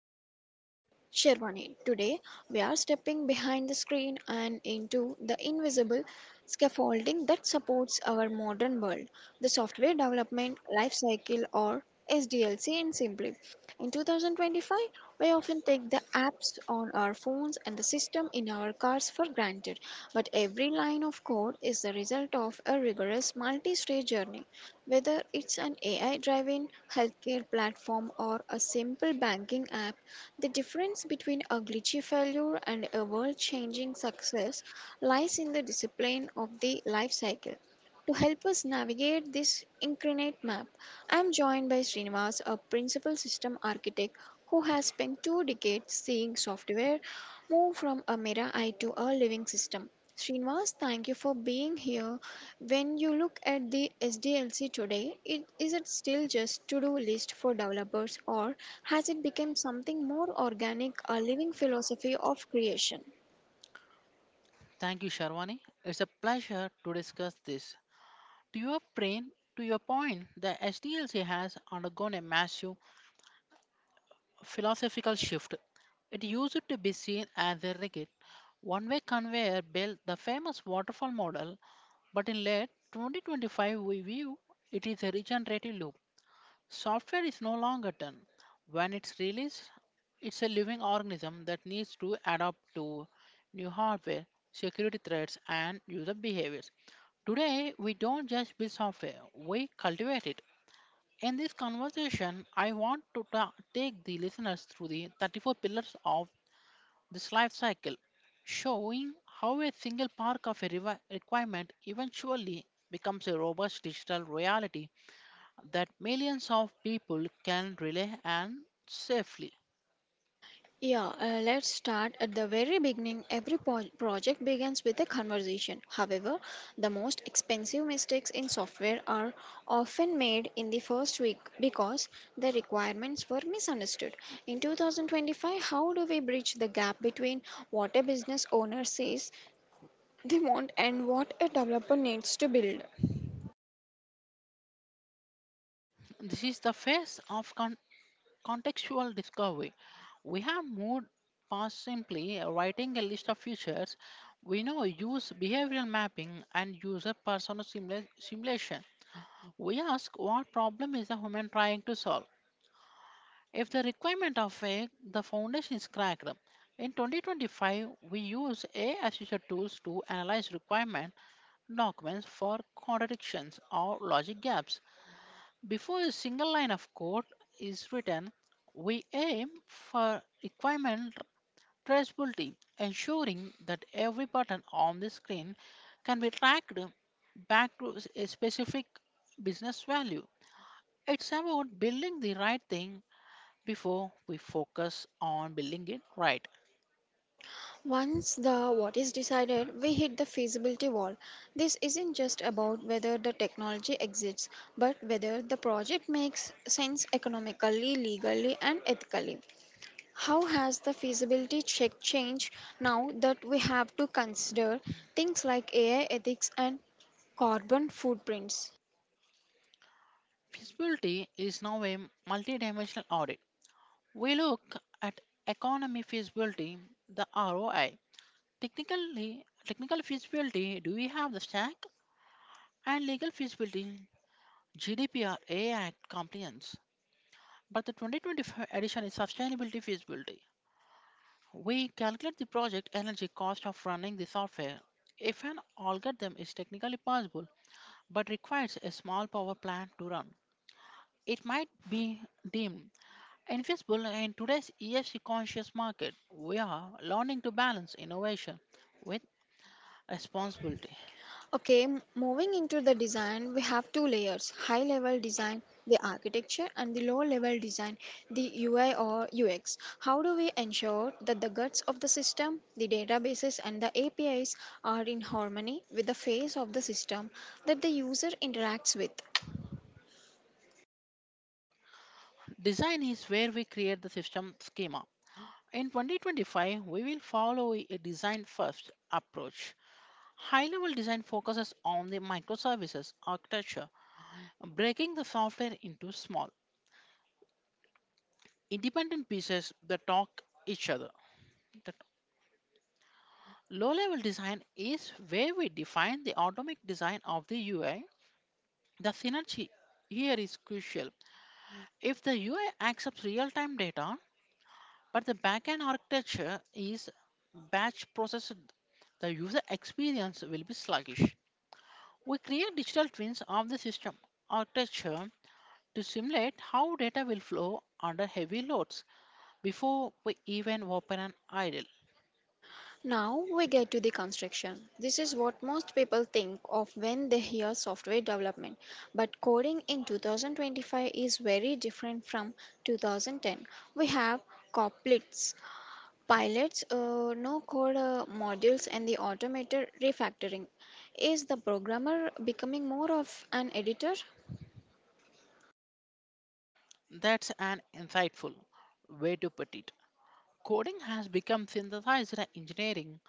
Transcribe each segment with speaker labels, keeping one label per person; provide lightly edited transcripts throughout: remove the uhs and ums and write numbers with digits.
Speaker 1: I'm your host, Sherwani. Today, we are stepping behind the screen and into the invisible scaffolding that supports our modern world, the software development life cycle, or SDLC in simply. In 2025, we often take the apps on our phones and the system in our cars for granted, but every line of code is the result of a rigorous multi-stage journey. Whether it's an AI driven healthcare platform or a simple banking app, the difference between a glitchy failure and a world changing success lies in the discipline of the life cycle. To help us navigate this incarnate map, I am joined by Srinivas, a principal system architect who has spent two decades seeing software move from a mirror eye to a living system. Srinivas, thank you for being here. When you look at the SDLC today, it, is it still just to-do list for developers, or has it become something more organic, a living philosophy of creation?
Speaker 2: Thank you, Sharwani. It's a pleasure to discuss this. To your brain, to your point, the SDLC has undergone a massive philosophical shift. It used to be seen as a rigid, one way conveyor belt, the famous waterfall model, but in late 2025, we view it is a regenerative loop. Software is no longer done. When it's released, it's a living organism that needs to adapt to new hardware, security threats, and user behaviors. Today, we don't just build software, we cultivate it. In this conversation, I want to take the listeners through the 34 pillars of this life cycle, showing how a single part of a requirement eventually becomes a robust digital reality that millions of people can rely on safely.
Speaker 1: Yeah, let's start at the very beginning. Every project begins with a conversation. However, the most expensive mistakes in software are often made in the first week because the requirements were misunderstood. In 2025, how do we bridge the gap between what a business owner says they want and what a developer needs to build?
Speaker 2: This is the phase of contextual discovery. We have moved past simply writing a list of features. We now use behavioral mapping and user persona simulation. We ask what problem is the human trying to solve. If the requirement of a the foundation is cracked, in 2025 we use AI assisted tools to analyze requirement documents for contradictions or logic gaps. Before a single line of code is written, we aim for requirement traceability, ensuring that every button on the screen can be tracked back to a specific business value. It's about building the right thing before we focus on building it right.
Speaker 1: Once the what is decided, we hit the feasibility wall. This isn't just about whether the technology exists, but whether the project makes sense economically, legally, and ethically. How has the feasibility check changed now that we have to consider things like AI ethics and carbon footprints?
Speaker 2: Feasibility is now a multi-dimensional audit. We look at economy feasibility, the ROI. Technically, technical feasibility, do we have the stack? And legal feasibility, GDPR, AI compliance. But the 2025 edition is sustainability feasibility. We calculate the project energy cost of running the software. If an algorithm is technically possible but requires a small power plant to run, it might be deemed invisible. In today's ESG conscious market, we are learning to balance innovation with responsibility.
Speaker 1: Okay, moving into the design, we have two layers: high level design, the architecture, and the low level design, the UI or UX. How do we ensure that the guts of the system, the databases, and the APIs are in harmony with the face of the system that the user interacts with?
Speaker 2: Design is where we create the system schema. In 2025, we will follow a design first approach. High level design focuses on the microservices architecture, breaking the software into small, independent pieces that talk each other. Low level design is where we define the atomic design of the UI. The synergy here is crucial. If the UI accepts real time data, but the backend architecture is batch processed, the user experience will be sluggish. We create digital twins of the system architecture to simulate how data will flow under heavy loads before we even open an idle.
Speaker 1: Now we get to the construction. This is what most people think of when they hear software development. But coding in 2025 is very different from 2010. We have Coplets, pilots, no code modules, and the automated refactoring. Is the programmer becoming more of an editor?
Speaker 2: That's an insightful way to put it. Coding has become synthesizer engineering.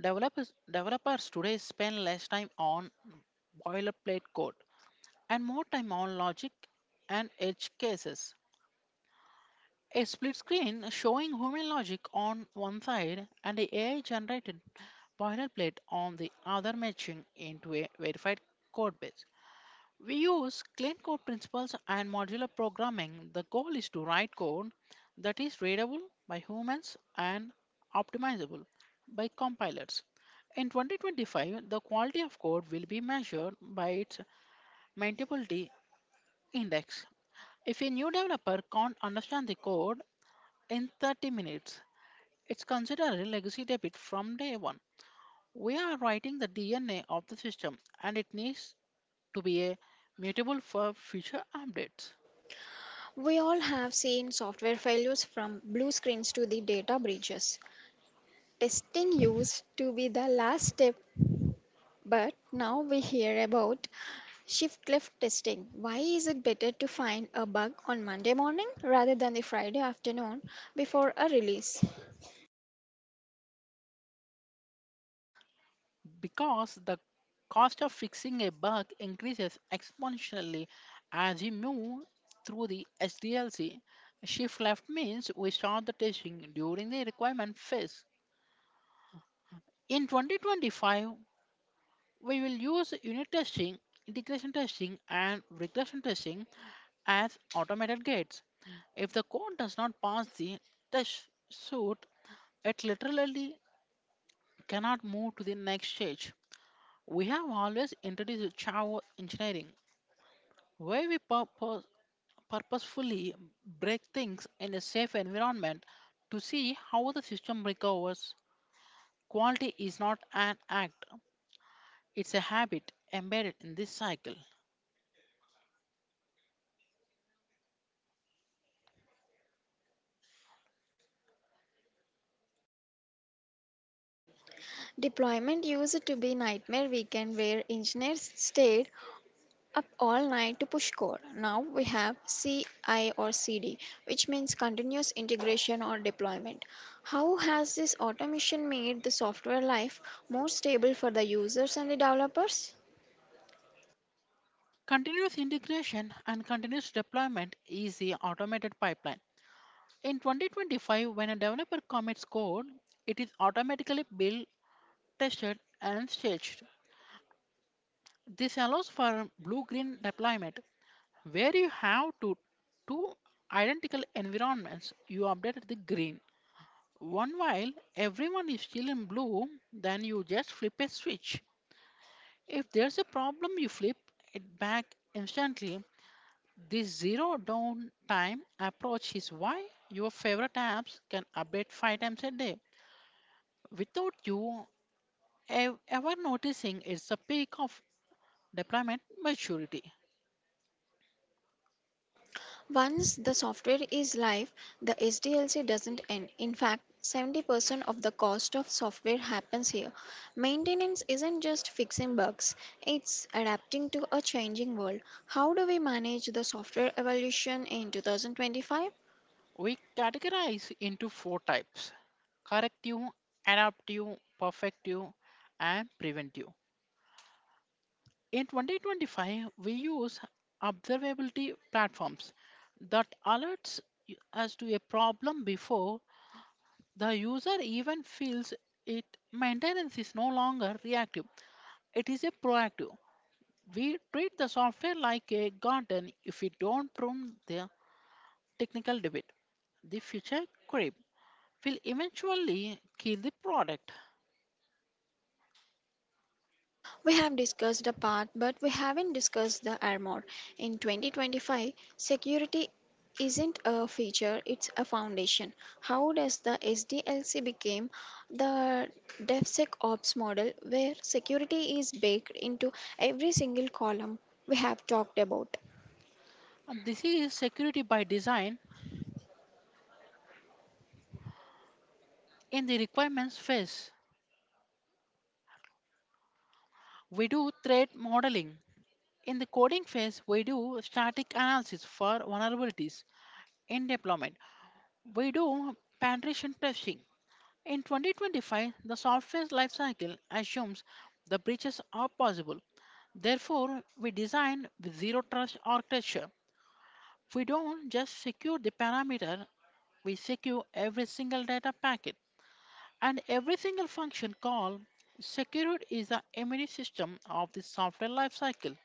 Speaker 2: Developers today spend less time on boilerplate code, and more time on logic and edge cases. A split screen showing human logic on one side and the AI generated boilerplate on the other matching into a verified code base. We use clean code principles and modular programming. The goal is to write code that is readable by humans and optimizable by compilers. In 2025, the quality of code will be measured by its maintainability index. If a new developer can't understand the code in 30 minutes, it's considered a legacy debit from day one. We are writing the DNA of the system and it needs to be a mutable for future updates
Speaker 1: We all have seen software failures, from blue screens to the data breaches. Testing used to be the last step. But now we hear about shift left testing. Why is it better to find a bug on Monday morning rather than the Friday afternoon before a release?
Speaker 2: because the cost of fixing a bug increases exponentially as we move through the SDLC. Shift left means we start the testing during the requirement phase. In 2025, we will use unit testing, integration testing, and regression testing as automated gates. If the code does not pass the test suite, it literally cannot move to the next stage. We have always introduced Java engineering, where we purposefully break things in a safe environment to see how the system recovers. Quality is not an act, it's a habit embedded in this cycle.
Speaker 1: Deployment used to be nightmare weekend where engineers stayed up all night to push code. Now we have CI or CD, which means continuous integration or deployment. How has this automation made the software life more stable for the users and the developers?
Speaker 2: Continuous integration and continuous deployment is the automated pipeline. In 2025, when a developer commits code, it is automatically built, tested, and staged. This allows for blue green deployment, where you have to two identical environments. You update the green one while everyone is still in blue, then you just flip a switch. If there's a problem, you flip it back instantly. This zero downtime approach is why your favorite apps can update 5 times a day without you ever noticing. It's the peak of deployment maturity.
Speaker 1: Once the software is live, the SDLC doesn't end. In fact, 70% of the cost of software happens here. Maintenance isn't just fixing bugs, it's adapting to a changing world. How do we manage the software evolution in 2025?
Speaker 2: We categorize into four types: corrective, adaptive, perfective, and preventive. In 2025, we use observability platforms that alerts us to a problem before the user even feels it. Maintenance is no longer reactive. It is a proactive. We treat the software like a garden. If we don't prune the technical debit, the future creep will eventually kill the product.
Speaker 1: We have discussed the path, but we haven't discussed the armor. In 2025, security isn't a feature, it's a foundation. How does the SDLC become the DevSecOps model where security is baked into every single column we have talked about?
Speaker 2: And this is security by design in the requirements phase. We do threat modeling. In the coding phase, we do static analysis for vulnerabilities. In deployment, we do penetration testing. In 2025, the software's lifecycle assumes the breaches are possible. Therefore, we design with zero trust architecture. We don't just secure the parameter, we secure every single data packet and every single function call. Secured is the immune system of the software lifecycle.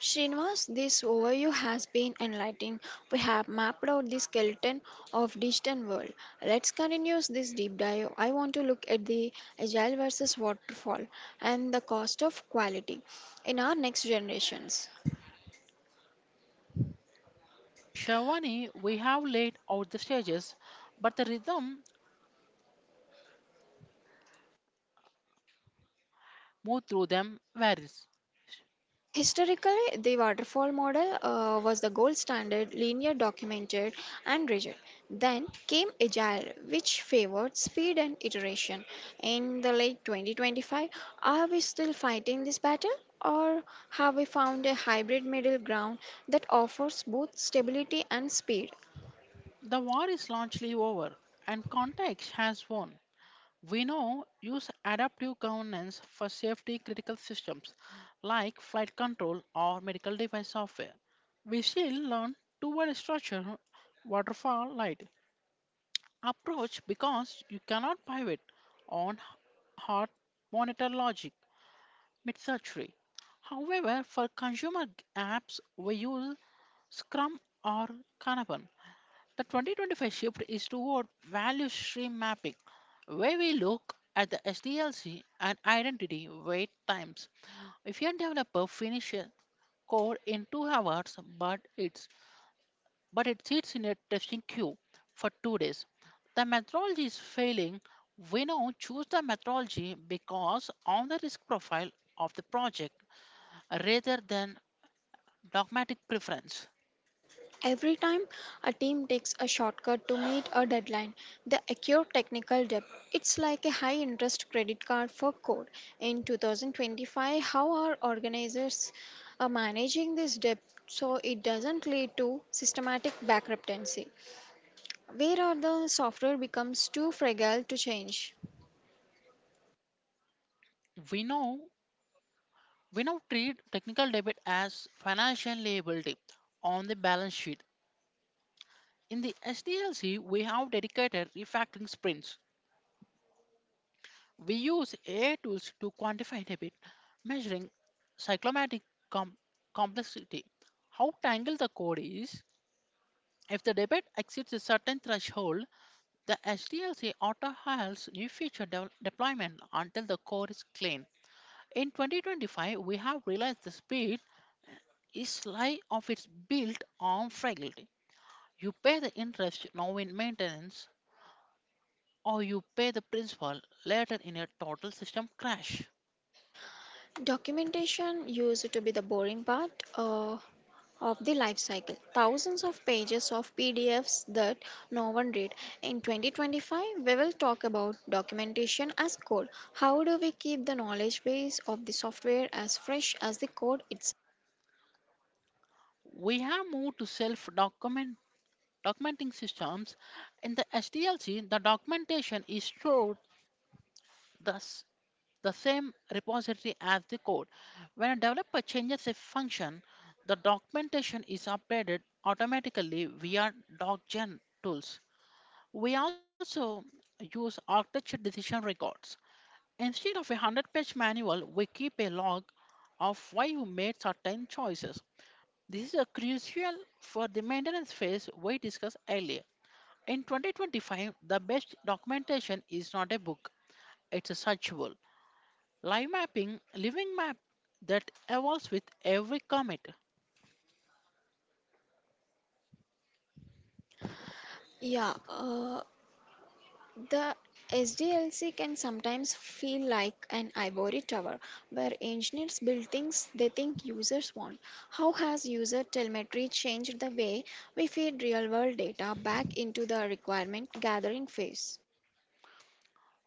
Speaker 1: Srinivas, this overview has been enlightening. We have mapped out the skeleton of digital world. Let's continue this deep dive. I want to look at the agile versus waterfall and the cost of quality in our next generations.
Speaker 2: Shavani, we have laid out the stages, but the rhythm moved through them varies.
Speaker 1: Historically, the waterfall model was the gold standard, linear, documented, and rigid. Then came Agile, which favored speed and iteration. In the late 2025, are we still fighting this battle? Or have we found a hybrid middle ground that offers both stability and speed?
Speaker 2: The war is largely over and context has won. We now use adaptive governance for safety critical systems like flight control or medical device software. We still learn two-word structure, waterfall, light approach because you cannot pivot on hard monitor logic mid-surgery. However, for consumer apps, we use Scrum or Kanban. The 2025 shift is toward value stream mapping, where we look at the SDLC and identity wait times. If your developer finishes code in 2 hours, but it sits in a testing queue for 2 days, the methodology is failing. We now choose the methodology because on the risk profile of the project rather than dogmatic preference.
Speaker 1: Every time a team takes a shortcut to meet a deadline, they accrue technical debt. It's like a high interest credit card for code. In 2025, how are organizers managing this debt so it doesn't lead to systematic bankruptcy? Where are the software becomes too fragile to change?
Speaker 2: We know We now treat technical debt as financial liability on the balance sheet. In the SDLC, we have dedicated refactoring sprints. We use AI tools to quantify debt, measuring cyclomatic com- complexity, how tangled the code is. If the debit exceeds a certain threshold, the SDLC auto halts new feature deployment until the code is clean. In 2025, we have realized the speed is sly of its built on fragile. You pay the interest now in maintenance, or you pay the principal later in a total system crash.
Speaker 1: Documentation used to be the boring part. Of the life cycle. Thousands of pages of PDFs that no one read. In 2025, we will talk about documentation as code. How do we keep the knowledge base of the software as fresh as the code itself?
Speaker 2: We have moved to self document documenting systems. In the SDLC, the documentation is stored the, s- the same repository as the code. When a developer changes a function, the documentation is updated automatically via DocGen tools. We also use architecture decision records. Instead of a 100-page manual, we keep a log of why you made certain choices. This is a crucial for the maintenance phase we discussed earlier. In 2025, the best documentation is not a book, it's a searchable. Live mapping, living map that evolves with every commit.
Speaker 1: Yeah, uh, the SDLC can sometimes feel like an ivory tower where engineers build things they think users want. How has user telemetry changed the way we feed real world data back into the requirement gathering phase?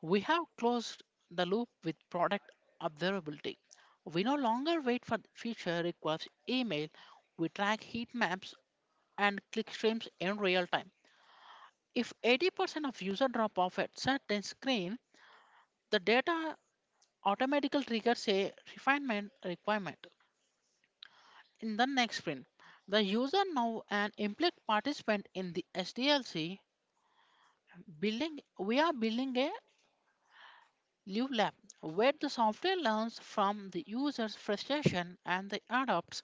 Speaker 2: We have closed the loop with product observability. We no longer wait for feature requests email. We track heat maps and clickstreams in real time. If 80% of user drop off at certain screen, the data automatically triggers a refinement requirement. In the next sprint, the user now an implicit participant in the SDLC building we are building a live lab where the software learns from the user's frustration and they adopts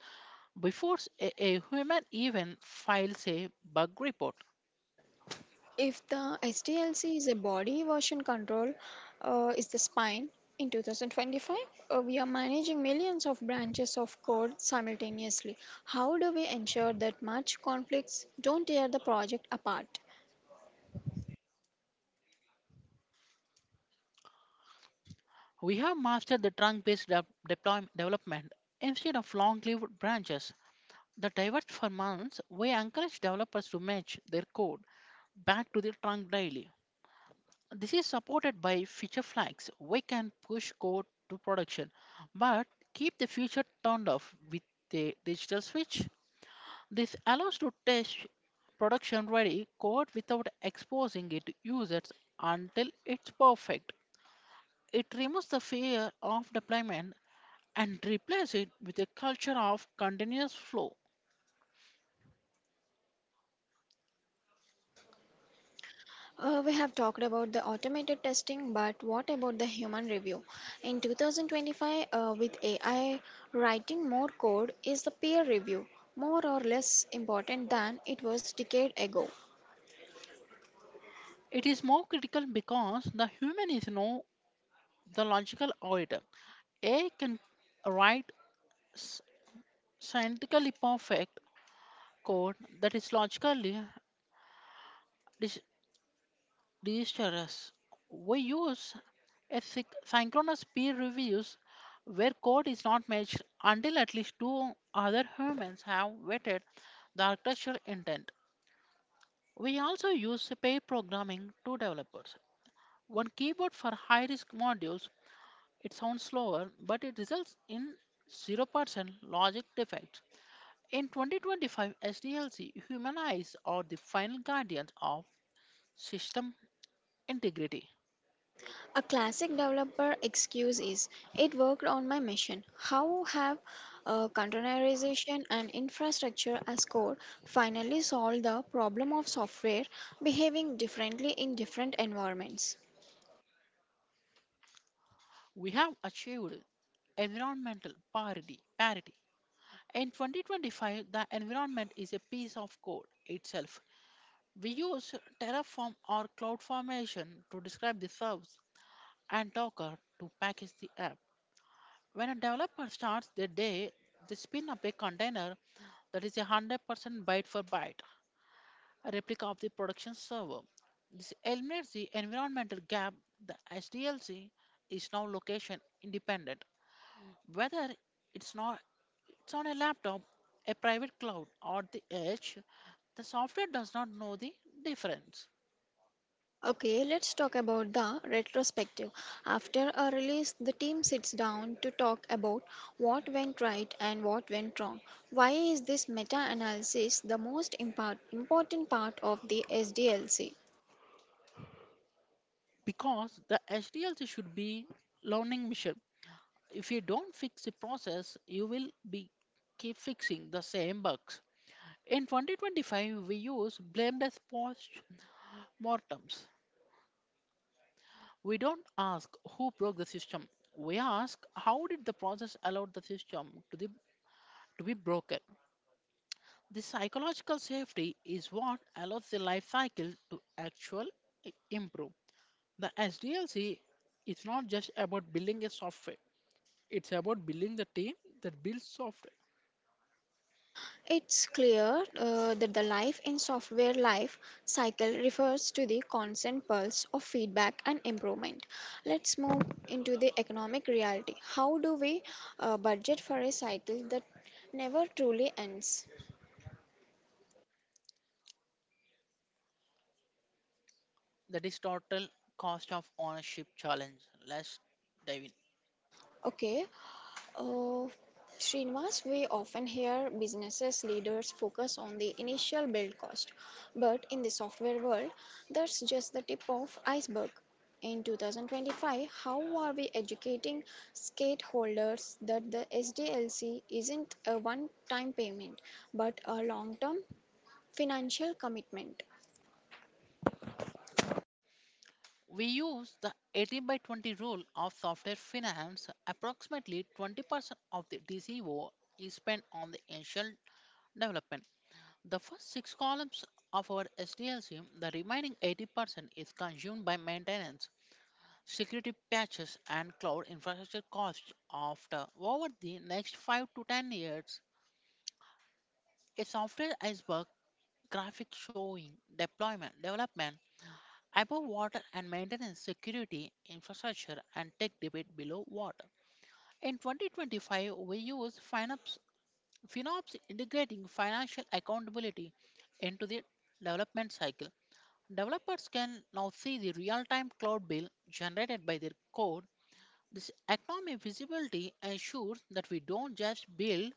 Speaker 2: before a human even files a bug report.
Speaker 1: If the SDLC is a body version control, is the spine. In 2025, we are managing millions of branches of code simultaneously. How do we ensure that much conflicts don't tear the project apart?
Speaker 2: We have mastered the trunk based development instead of long lived branches. The diverse firms we encourage developers to match their code back to the trunk daily. This is supported by feature flags. We can push code to production, but keep the feature turned off with a digital switch. This allows to test production ready code without exposing it to users until it's perfect. It removes the fear of deployment and replaces it with a culture of continuous flow.
Speaker 1: We have talked about the automated testing, but what about the human review? In 2025, with AI, writing more code, is the peer review more or less important than it was decade ago?
Speaker 2: It is more critical because the human is no the logical orator. A can write s- scientifically perfect code that is logically dis- disastrous. We use a synchronous peer reviews where code is not matched until at least 2 other humans have vetted the architectural intent. We also use pair programming to developers. One keyboard for high risk modules. It sounds slower, but it results in 0% logic defect. In 2025, SDLC humanize or the final guardians of system integrity.
Speaker 1: A classic developer excuse is it worked on my machine. How have containerization and infrastructure as code finally solved the problem of software behaving differently in different environments?
Speaker 2: We have achieved environmental parity. Parity. In 2025, the environment is a piece of code itself. We use Terraform or CloudFormation to describe the service and Docker to package the app. When a developer starts their day, they spin up a container that is a 100% byte for byte a replica of the production server. This eliminates the environmental gap. The SDLC is now location independent. Whether it's not it's on a laptop, a private cloud, or the edge, the software does not know the difference
Speaker 1: Okay, let's talk about the retrospective. After a release, the team sits down to talk about what went right and what went wrong. Why is this meta analysis the most important part of the SDLC?
Speaker 2: because the SDLC should be learning mission. If you don't fix the process, you will be keep fixing the same bugs. In 2025, we use blame death post Mortems. We don't ask who broke the system. We ask, how did the process allow the system to be broken. The psychological safety is what allows the life cycle to actually improve. The SDLC is not just about building a software. It's about building the team that builds software.
Speaker 1: It's clear that the life in software life cycle refers to the constant pulse of feedback and improvement. Let's move into the economic reality. How do we budget for a cycle that never truly ends?
Speaker 2: That is total cost of ownership challenge. Let's dive in.
Speaker 1: Okay, Uh, Srinivas, we often hear businesses leaders focus on the initial build cost, but in the software world, that's just the tip of iceberg. In 2025, how are we educating stakeholders that the SDLC isn't a one-time payment but a long-term financial commitment?
Speaker 2: We use the 18 by 20 rule of software finance. Approximately 20% of the DCO is spent on the initial development. The first six columns of our SDLC, the remaining 80% is consumed by maintenance, security patches, and cloud infrastructure costs. After over the next 5 to 10 years, a software iceberg graphic showing deployment, development, above water and maintenance, security, infrastructure, and tech debate below water. In 2025, we use FinOps integrating financial accountability into the development cycle. Developers can now see the real time cloud bill generated by their code. This economic visibility ensures that we don't just build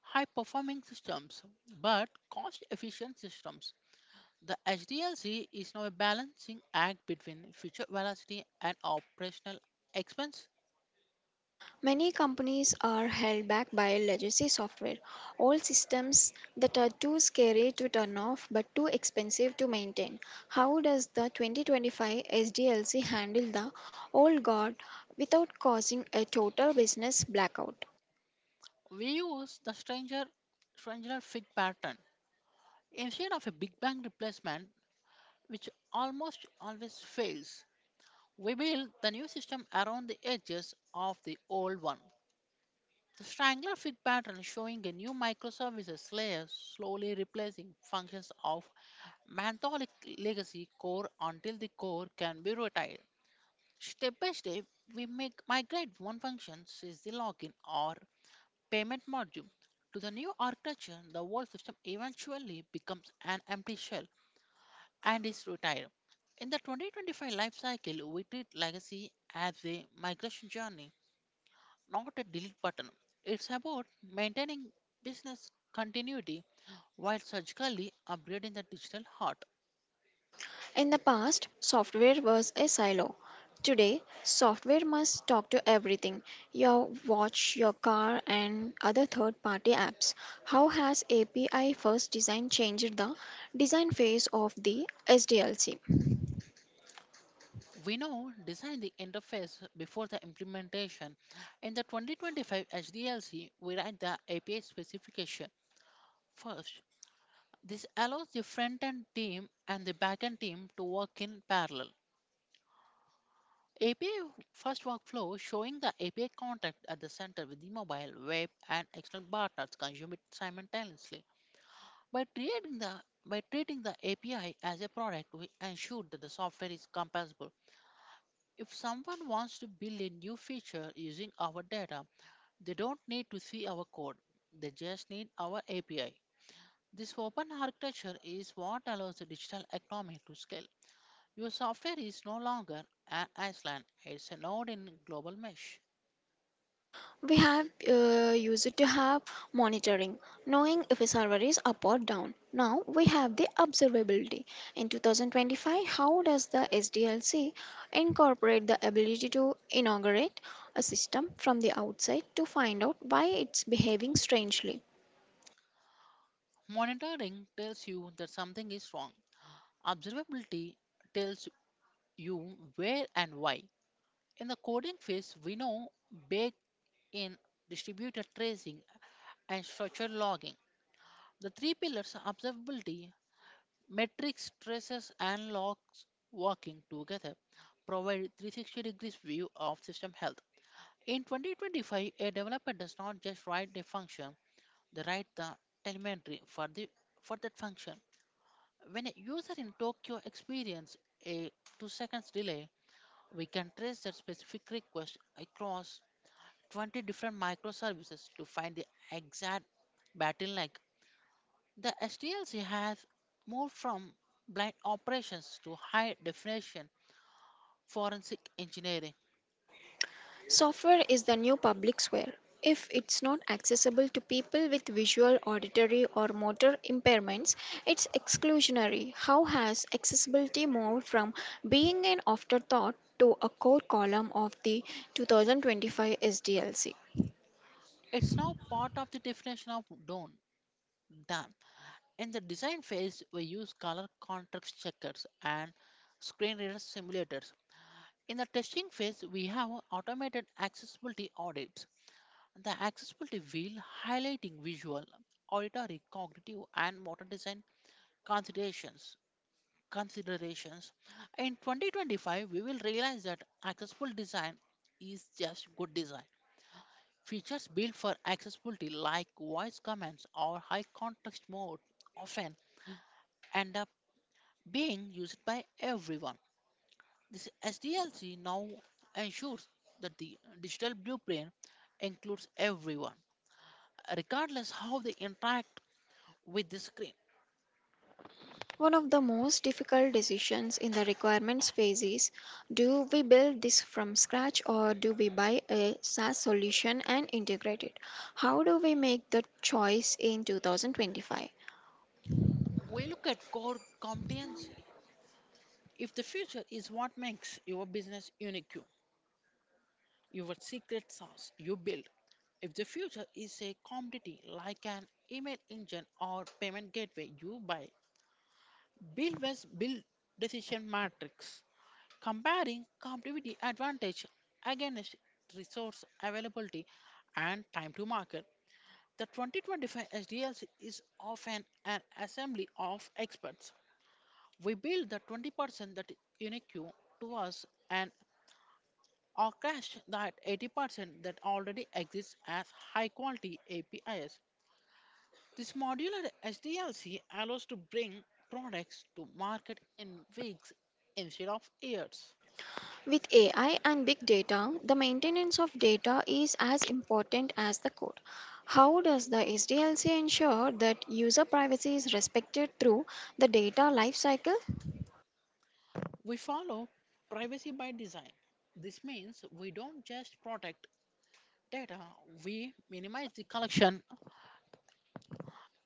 Speaker 2: high performing systems but cost efficient systems. The HDLC is now a balancing act between future velocity and operational expense.
Speaker 1: Many companies are held back by legacy software, old systems that are too scary to turn off but too expensive to maintain. How does the 2025 SDLC handle the old guard without causing a total business blackout?
Speaker 2: We use the stranger fit pattern instead of a big bang replacement, which almost always fails. We build the new system around the edges of the old one. The strangler fit pattern is showing a new microservices layer slowly replacing functions of Mantholic legacy core until the core can be retired. Step by step, we make migrate one function, says the login or payment module, to the new architecture. The old system eventually becomes an empty shell and is retired. In the 2025 life cycle, we treat legacy as a migration journey, not a delete button. It's about maintaining business continuity while surgically upgrading the digital heart.
Speaker 1: In the past, software was a silo. Today, software must talk to everything: your watch, your car, and other third party apps. How has API first design changed the design phase of the SDLC?
Speaker 2: We now design the interface before the implementation. In the 2025 HDLC, we write the API specification first. This allows the front-end team and the back-end team to work in parallel. API first workflow showing the API contact at the center with the mobile, web, and external partners consume it simultaneously. By treating the API as a product, we ensure that the software is compatible. If someone wants to build a new feature using our data, they don't need to see our code. They just need our API. This open architecture is what allows the digital economy to scale. Your software is no longer an island, it's a node in a global mesh.
Speaker 1: We have used to have monitoring, knowing if a server is up or down. Now we have the observability. In 2025, how does the SDLC incorporate the ability to inaugurate a system from the outside to find out why it's behaving strangely?
Speaker 2: Monitoring tells you that something is wrong. Observability tells you where and why. In the coding phase, we know baked in distributed tracing and structured logging. The three pillars are observability, metrics, traces, and logs working together provide 360 degrees view of system health. In 2025, a developer does not just write a function, they write the telemetry for that function. When a user in Tokyo experiences a 2 seconds delay, we can trace that specific request across 20 different microservices to find the exact bottleneck. The SDLC has moved from blind operations to high definition forensic engineering.
Speaker 1: Software is the new public square. If it's not accessible to people with visual, auditory, or motor impairments, it's exclusionary. How has accessibility moved from being an afterthought to a core column of the 2025 SDLC?
Speaker 2: It's now part of the definition of DONE. Done. In the design phase, we use color contrast checkers and screen reader simulators. In the testing phase, we have automated accessibility audits. The accessibility wheel highlighting visual, auditory, cognitive, and motor design considerations. considerations. In 2025, we will realize that accessible design is just good design. Features built for accessibility, like voice commands or high context mode, often end up being used by everyone. This SDLC now ensures that the digital blueprint includes everyone, regardless how they interact with the screen.
Speaker 1: One of the most difficult decisions in the requirements phase is do we build this from scratch or do we buy a SaaS solution and integrate it? How do we make the choice in 2025?
Speaker 2: We look at core competency. If the future is what makes your business unique, your secret sauce you build. If the future is a commodity like an email engine or payment gateway you buy, Bill West build decision matrix, comparing competitive advantage against resource availability and time to market. The 2025 SDLC is often an assembly of experts. We build the 20% that is unique to us and or cache that 80% that already exists as high quality APIs. This modular SDLC allows to bring products to market in weeks instead of years.
Speaker 1: With AI and big data, the maintenance of data is as important as the code. How does the SDLC ensure that user privacy is respected through the data lifecycle?
Speaker 2: We follow privacy by design. This means we don't just protect data, we minimize the collection.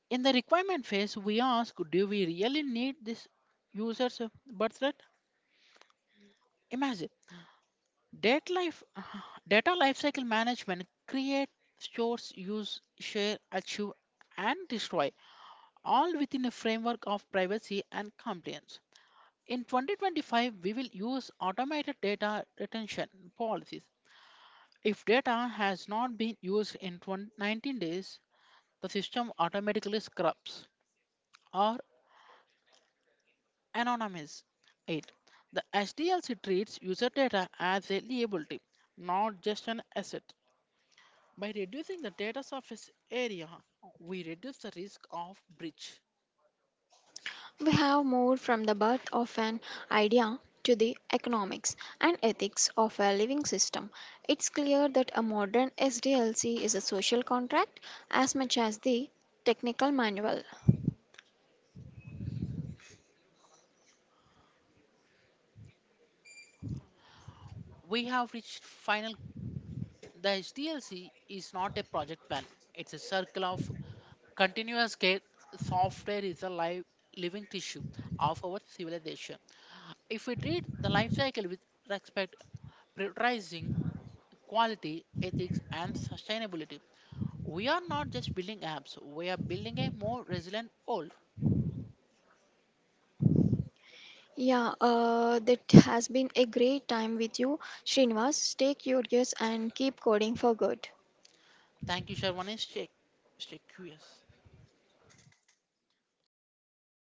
Speaker 2: In the requirement phase, we ask, do we really need this user's birth rate? Imagine data life, data lifecycle management create, stores, use, share, achieve, and destroy, all within a framework of privacy and compliance. In 2025, we will use automated data retention policies. If data has not been used in 20 19 days, the system automatically scrubs or anonymizes it. The SDLC treats user data as a liability, not just an asset. By reducing the data surface area, we reduce the risk of breach.
Speaker 1: We have moved from the birth of an idea to the economics and ethics of a living system. It's clear that a modern SDLC is a social contract as much as the technical manual.
Speaker 2: We have reached final. The HDLC is not a project plan, it's a circle of continuous care. Software is a live, living tissue of our civilization. If we treat the life cycle with respect, prioritizing quality, ethics, and sustainability, we are not just building apps, we are building a more resilient world.
Speaker 1: Yeah, that has been a great time with you, Srinivas. Stay curious and keep coding for good.
Speaker 2: Thank you, Sharvanesh. Stay curious.